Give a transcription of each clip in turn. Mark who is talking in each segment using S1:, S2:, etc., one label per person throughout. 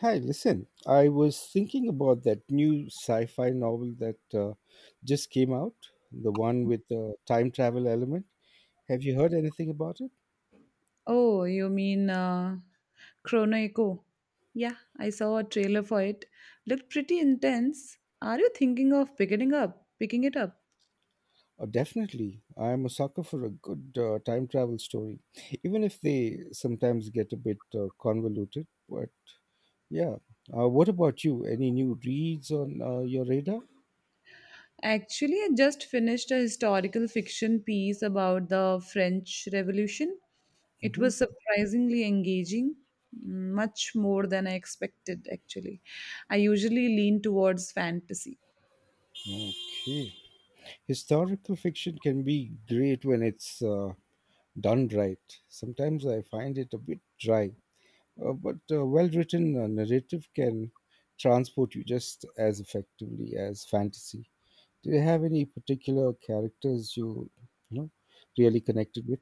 S1: Hi, listen, I was thinking about that new sci fi novel that just came out, the one with the time travel element. Have you heard anything about it?
S2: Oh, you mean Chrono Echo? Yeah, I saw a trailer for it. Looked pretty intense. Are you thinking of picking it up?
S1: Oh, definitely. I'm a sucker for a good time travel story, even if they sometimes get a bit convoluted. But yeah. What about you? Any new reads on your radar?
S2: Actually, I just finished a historical fiction piece about the French Revolution. It was
S1: Hmm.
S2: surprisingly engaging, much more than I expected. Actually, I usually lean towards fantasy.
S1: Okay. Historical fiction can be great when it's done right. Sometimes I find it a bit dry, but a well written narrative can transport you just as effectively as fantasy. Do you have any particular characters you really connected with?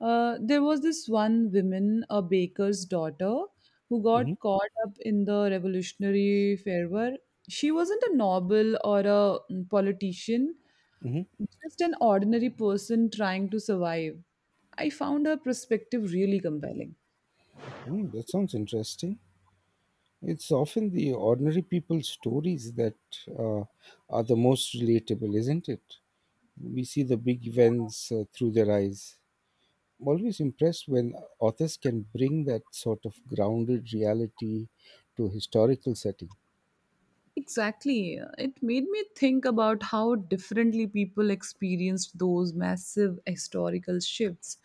S2: There was this one woman, a baker's daughter, who
S1: Hmm.
S2: got caught up in the revolutionary fervor. She wasn't a noble or a politician,
S1: Hmm.
S2: just an ordinary person trying to survive. I found her perspective really compelling.
S1: Mm, that sounds interesting. It's often the ordinary people's stories that uh, are the most relatable, isn't it? We see the big events through their eyes. I'm always impressed when authors can bring that sort of grounded reality to historical setting.
S2: Exactly. It made me think about how differently people experienced those massive historical shifts.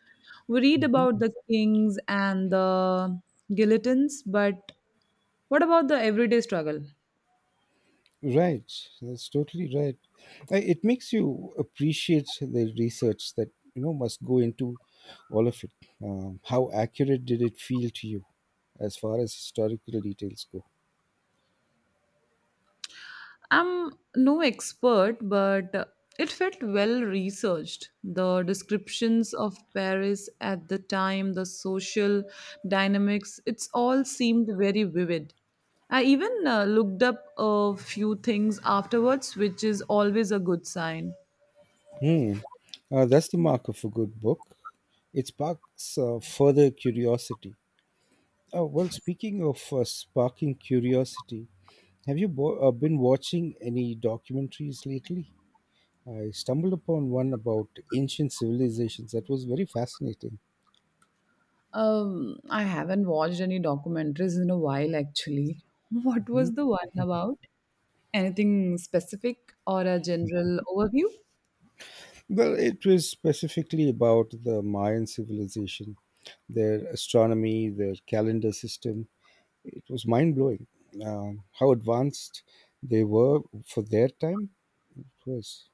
S2: We read
S1: Mhm.
S2: about the kings and the guillotines, but what about the everyday struggle?
S1: Right, that's totally right. It makes you appreciate the research that you know must go into all of it. How accurate did it feel to you, as far as historical details go?
S2: I'm no expert, but it felt well researched. The descriptions of Paris at the time, the social dynamics, it's all seemed very vivid. I even looked up a few things afterwards, which is always a good sign.
S1: Hmm. That's the mark of a good book. It sparks further curiosity. Oh, well, speaking of sparking curiosity, have you been watching any documentaries lately? I stumbled upon one about ancient civilizations that was very fascinating.
S2: I haven't watched any documentaries in a while, actually. What was the one about? Anything specific or a general overview?
S1: Well, it was specifically about the Mayan civilization, their astronomy, their calendar system. It was mind blowing how advanced they were for their time. It was.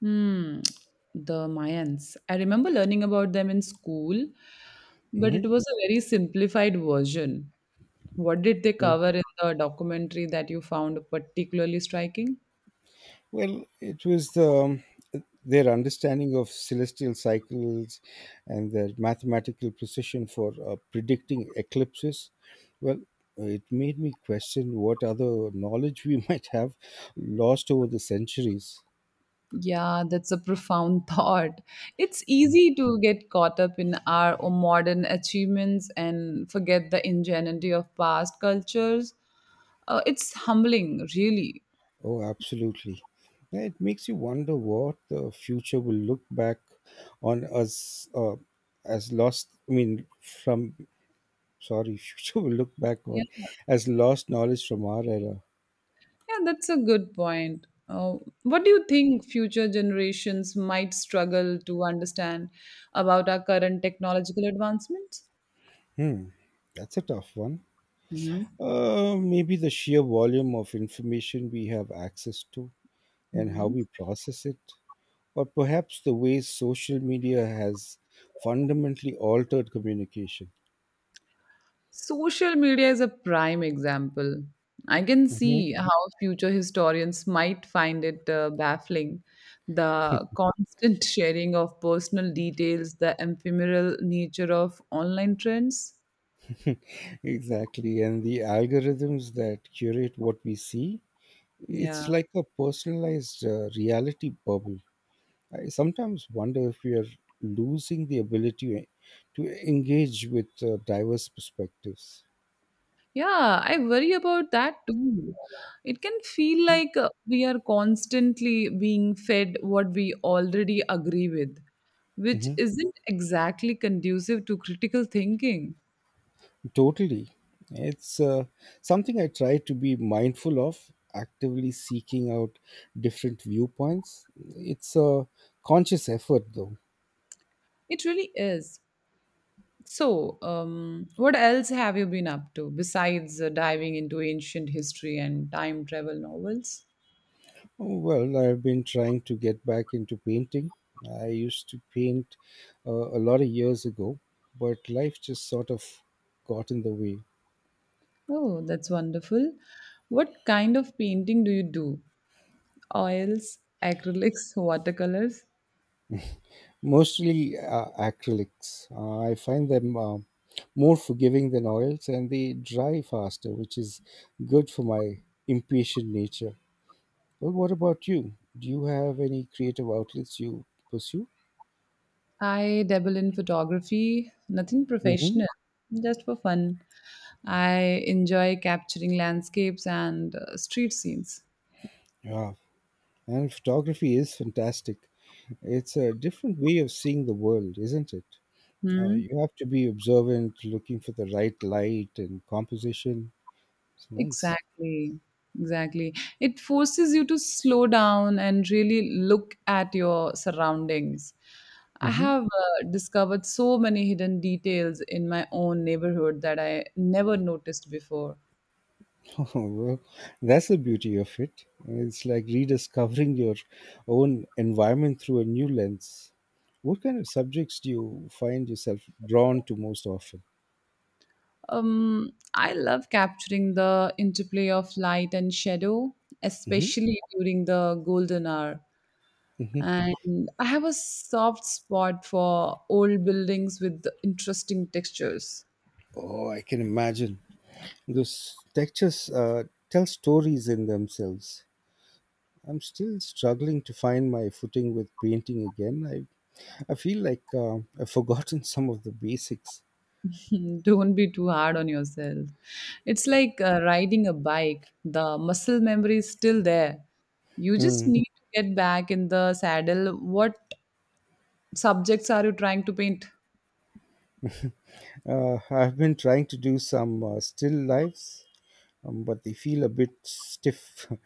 S2: Hmm, the Mayans. I remember learning about them in school, but
S1: Mhm.
S2: it was a very simplified version. What did they cover in the documentary that you found particularly striking?
S1: Well, it was the their understanding of celestial cycles and their mathematical precision for predicting eclipses. Well, it made me question what other knowledge we might have lost over the centuries.
S2: Yeah, that's a profound thought. It's easy to get caught up in our modern achievements and forget the ingenuity of past cultures. It's humbling, really.
S1: Oh, absolutely. Yeah, it makes you wonder what the future will look back on us as lost, I mean, from, sorry, future will look back on as lost knowledge from our era.
S2: Yeah, that's a good point. What do you think future generations might struggle to understand about our current technological advancements?
S1: Hmm, that's a tough one.
S2: hmm
S1: Maybe the sheer volume of information we have access to and how
S2: hmm.
S1: we process it, or perhaps the way social media has fundamentally altered communication.
S2: Social media is a prime example. I can
S1: Mhm.
S2: see how future historians might find it baffling. The constant sharing of personal details, the ephemeral nature of online trends.
S1: Exactly, and the algorithms that curate what we see, it's
S2: Yeah.
S1: like a personalized reality bubble. I sometimes wonder if we are losing the ability to engage with diverse perspectives.
S2: Yeah, I worry about that too. It can feel like we are constantly being fed what we already agree with, which
S1: Mhm.
S2: isn't exactly conducive to critical thinking.
S1: Totally. It's something I try to be mindful of, actively seeking out different viewpoints. It's a conscious effort, though.
S2: It really is. So, what else have you been up to besides diving into ancient history and time travel novels?
S1: Well, I've been trying to get back into painting. I used to paint a lot of years ago, but life just sort of got in the way.
S2: Oh, that's wonderful. What kind of painting do you do? Oils, acrylics, watercolors?
S1: Mostly acrylics. I find them more forgiving than oils and they dry faster, which is good for my impatient nature. Well, what about you? Do you have any creative outlets you pursue?
S2: I dabble in photography, nothing
S1: Mm-hmm.
S2: professional, just for fun. I enjoy capturing landscapes and street scenes.
S1: Yeah, and photography is fantastic. It's a different way of seeing the world, isn't it? You
S2: Hmm?
S1: have to be observant, looking for the right light and composition. It's nice.
S2: Exactly. Exactly. It forces you to slow down and really look at your surroundings. I
S1: Mhm.
S2: have discovered so many hidden details in my own neighborhood that I never noticed before.
S1: Well, that's the beauty of it. It's like rediscovering your own environment through a new lens. What kind of subjects do you find yourself drawn to most often?
S2: I love capturing the interplay of light and shadow,
S1: Hmm.
S2: especially during the golden hour.
S1: Hmm.
S2: And I have a soft spot for old buildings with interesting textures.
S1: Oh, I can imagine. Those textures tell stories in themselves. I'm still struggling to find my footing with painting again. I feel like I've forgotten some of the basics.
S2: Don't be too hard on yourself. It's like riding a bike, the muscle memory is still there. You just
S1: Mm.
S2: need to get back in the saddle. What subjects are you trying to paint?
S1: I've been trying to do some still lives but they feel a bit stiff.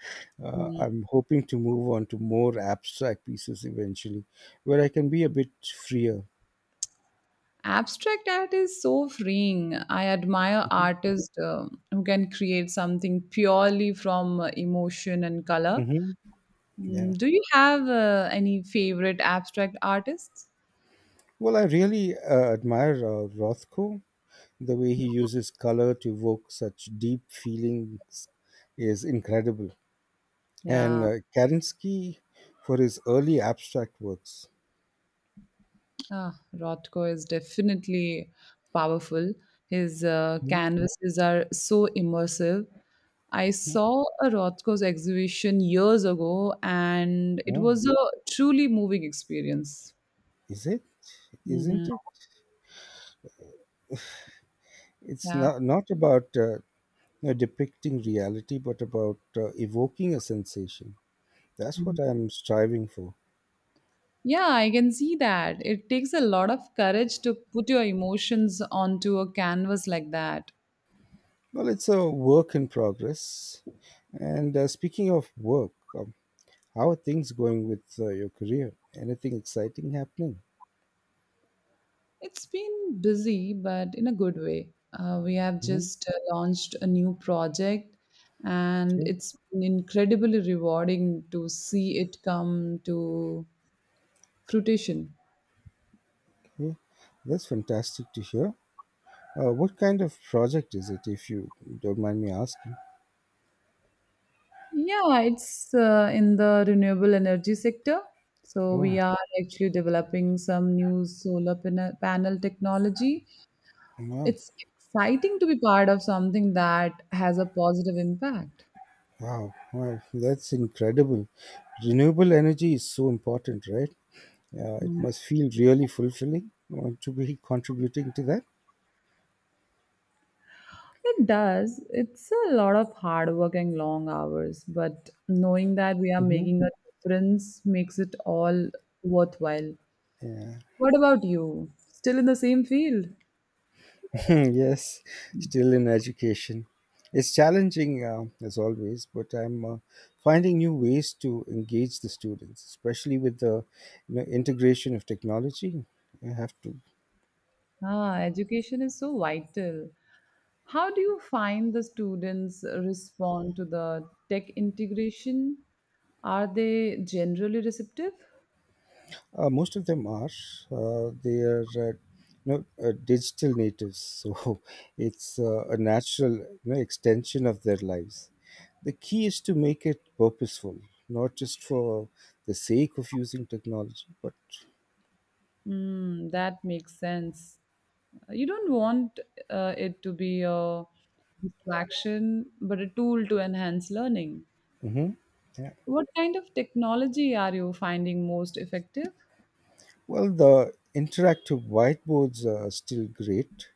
S2: Mm.
S1: I'm hoping to move on to more abstract pieces eventually, where I can be a bit freer.
S2: Abstract art is so freeing. I admire
S1: Mhm.
S2: artists who can create something purely from emotion and color.
S1: Hmm. Yeah.
S2: Mm, do you have any favorite abstract artists?
S1: Well, I really admire Rothko. The way he uses color to evoke such deep feelings is incredible. And
S2: Yeah,
S1: Kerensky for his early abstract works.
S2: ah, Rothko is definitely powerful. His
S1: Hmm.
S2: canvases are so immersive. I saw a Rothko's exhibition years ago, and it
S1: Oh,
S2: was a truly moving experience.
S1: is it? Isn't
S2: Mhm.
S1: it? It's
S2: Yeah.
S1: not about depicting reality, but about evoking a sensation. That's
S2: Mm.
S1: what I'm striving for.
S2: Yeah, I can see that. It takes a lot of courage to put your emotions onto a canvas like that.
S1: Well, it's a work in progress. And speaking of work, how are things going with your career? Anything exciting happening?
S2: It's been busy, but in a good way. We have
S1: Hmm.
S2: just launched a new project, and
S1: Okay.
S2: it's been incredibly rewarding to see it come to fruition.
S1: Okay. That's fantastic to hear. What kind of project is it, if you don't mind me asking?
S2: Yeah, it's in the renewable energy sector. So
S1: Oh,
S2: we are actually developing some new solar panel technology.
S1: wow.
S2: It's exciting to be part of something that has a positive impact.
S1: Wow. Wow. That's incredible. Renewable energy is so important, right? Yeah, it
S2: Mhm.
S1: must feel really fulfilling. Want to be contributing to that?
S2: It does. It's a lot of hard work and long hours, but knowing that we are
S1: Hmm.
S2: making a difference makes it all worthwhile.
S1: Yeah.
S2: What about you? Still in the same field?
S1: Yes, still in education. It's challenging as always, but I'm finding new ways to engage the students, especially with the you know, integration of technology. You have to
S2: Ah, education is so vital. How do you find the students respond to the tech integration? Are they generally receptive?
S1: Most of them are. They are, you know, digital natives, so it's a natural, you know, extension of their lives. The key is to make it purposeful, not just for the sake of using technology, but
S2: Mm, that makes sense. You don't want it to be a distraction but a tool to enhance learning.
S1: hmm yeah.
S2: What kind of technology are you finding most effective?
S1: Well, the interactive whiteboards are still great,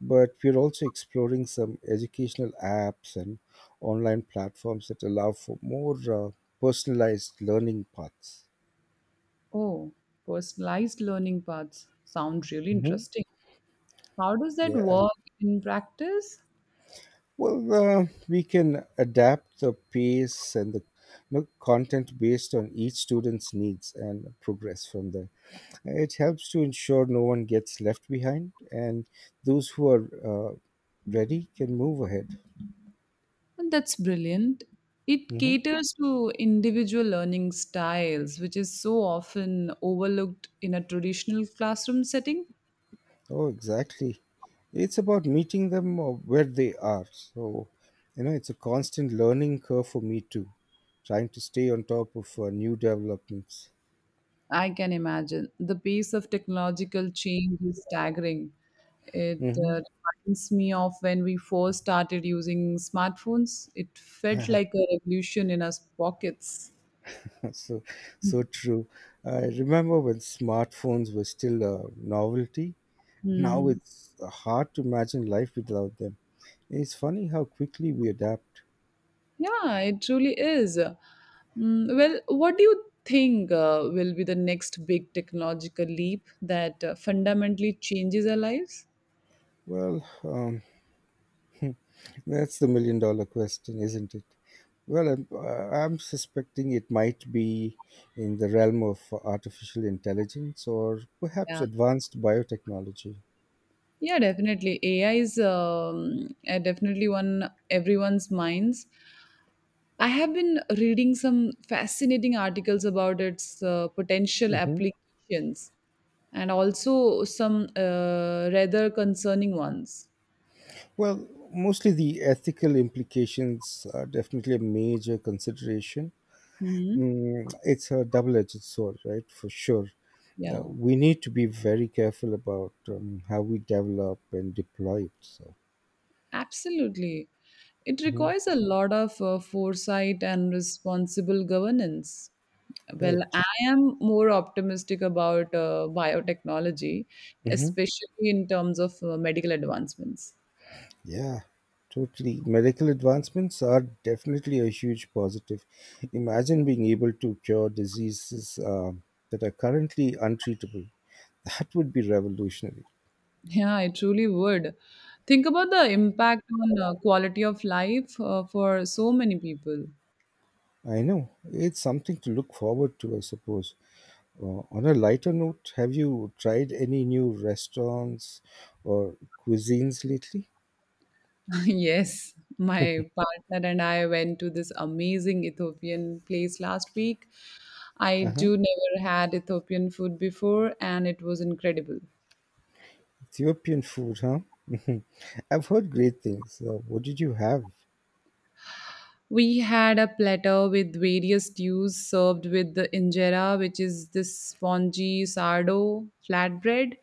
S1: but we're also exploring some educational apps and online platforms that allow for more personalized learning paths.
S2: Oh, personalized learning paths sound really
S1: Mhm.
S2: interesting. How does that
S1: Yeah.
S2: work in practice?
S1: Well, we can adapt the pace and the you know, content based on each student's needs and progress from there. It helps to ensure no one gets left behind, and those who are ready can move ahead.
S2: And that's brilliant. It
S1: Hmm.
S2: caters to individual learning styles, which is so often overlooked in a traditional classroom setting.
S1: Oh, exactly. It's about meeting them where they are. So, you know, it's a constant learning curve for me too, trying to stay on top of new developments.
S2: I can imagine. The pace of technological change is staggering. It
S1: Hmm.
S2: reminds me of when we first started using smartphones. It felt like a revolution in our pockets.
S1: so so true. I remember when smartphones were still a novelty. Now
S2: Hmm.
S1: it's hard to imagine life without them. It's funny how quickly we adapt.
S2: Yeah, it truly is. Mm, well, what do you think will be the next big technological leap that fundamentally changes our lives?
S1: Well, that's the million dollar question, isn't it? Well, I'm suspecting it might be in the realm of artificial intelligence or perhaps
S2: Yeah,
S1: advanced biotechnology.
S2: yeah, definitely. AI is definitely one everyone's minds. I have been reading some fascinating articles about its potential
S1: Hmm.
S2: applications and also some rather concerning ones.
S1: Well, mostly the ethical implications are definitely a major consideration.
S2: Hmm.
S1: Mm, it's a double-edged sword, right? For sure.
S2: Yeah,
S1: We need to be very careful about how we develop and deploy it. So,
S2: absolutely. It
S1: mhm.
S2: requires a lot of foresight and responsible governance. Well,
S1: Right.
S2: I am more optimistic about biotechnology,
S1: Hmm.
S2: especially in terms of medical advancements.
S1: Yeah, totally. Medical advancements are definitely a huge positive. Imagine being able to cure diseases that are currently untreatable. That would be revolutionary.
S2: Yeah, I truly would. Think about the impact on quality of life for so many people.
S1: I know. It's something to look forward to, I suppose. On a lighter note, have you tried any new restaurants or cuisines lately?
S2: Yes, my partner and I went to this amazing Ethiopian place last week.
S1: Uh
S2: I
S1: huh.
S2: do never had Ethiopian food before, and it was incredible.
S1: Ethiopian food, huh? Mhm. I've heard great things. What did you have?
S2: We had a platter with various stews served with the injera, which is this spongy sourdough flatbread.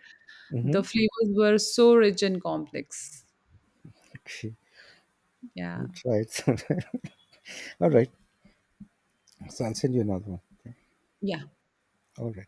S1: Mm-hmm.
S2: The flavors were so rich and complex.
S1: Okay,
S2: Yeah.
S1: we'll try it sometime. All right, so I'll send you another one.
S2: Yeah.
S1: All right.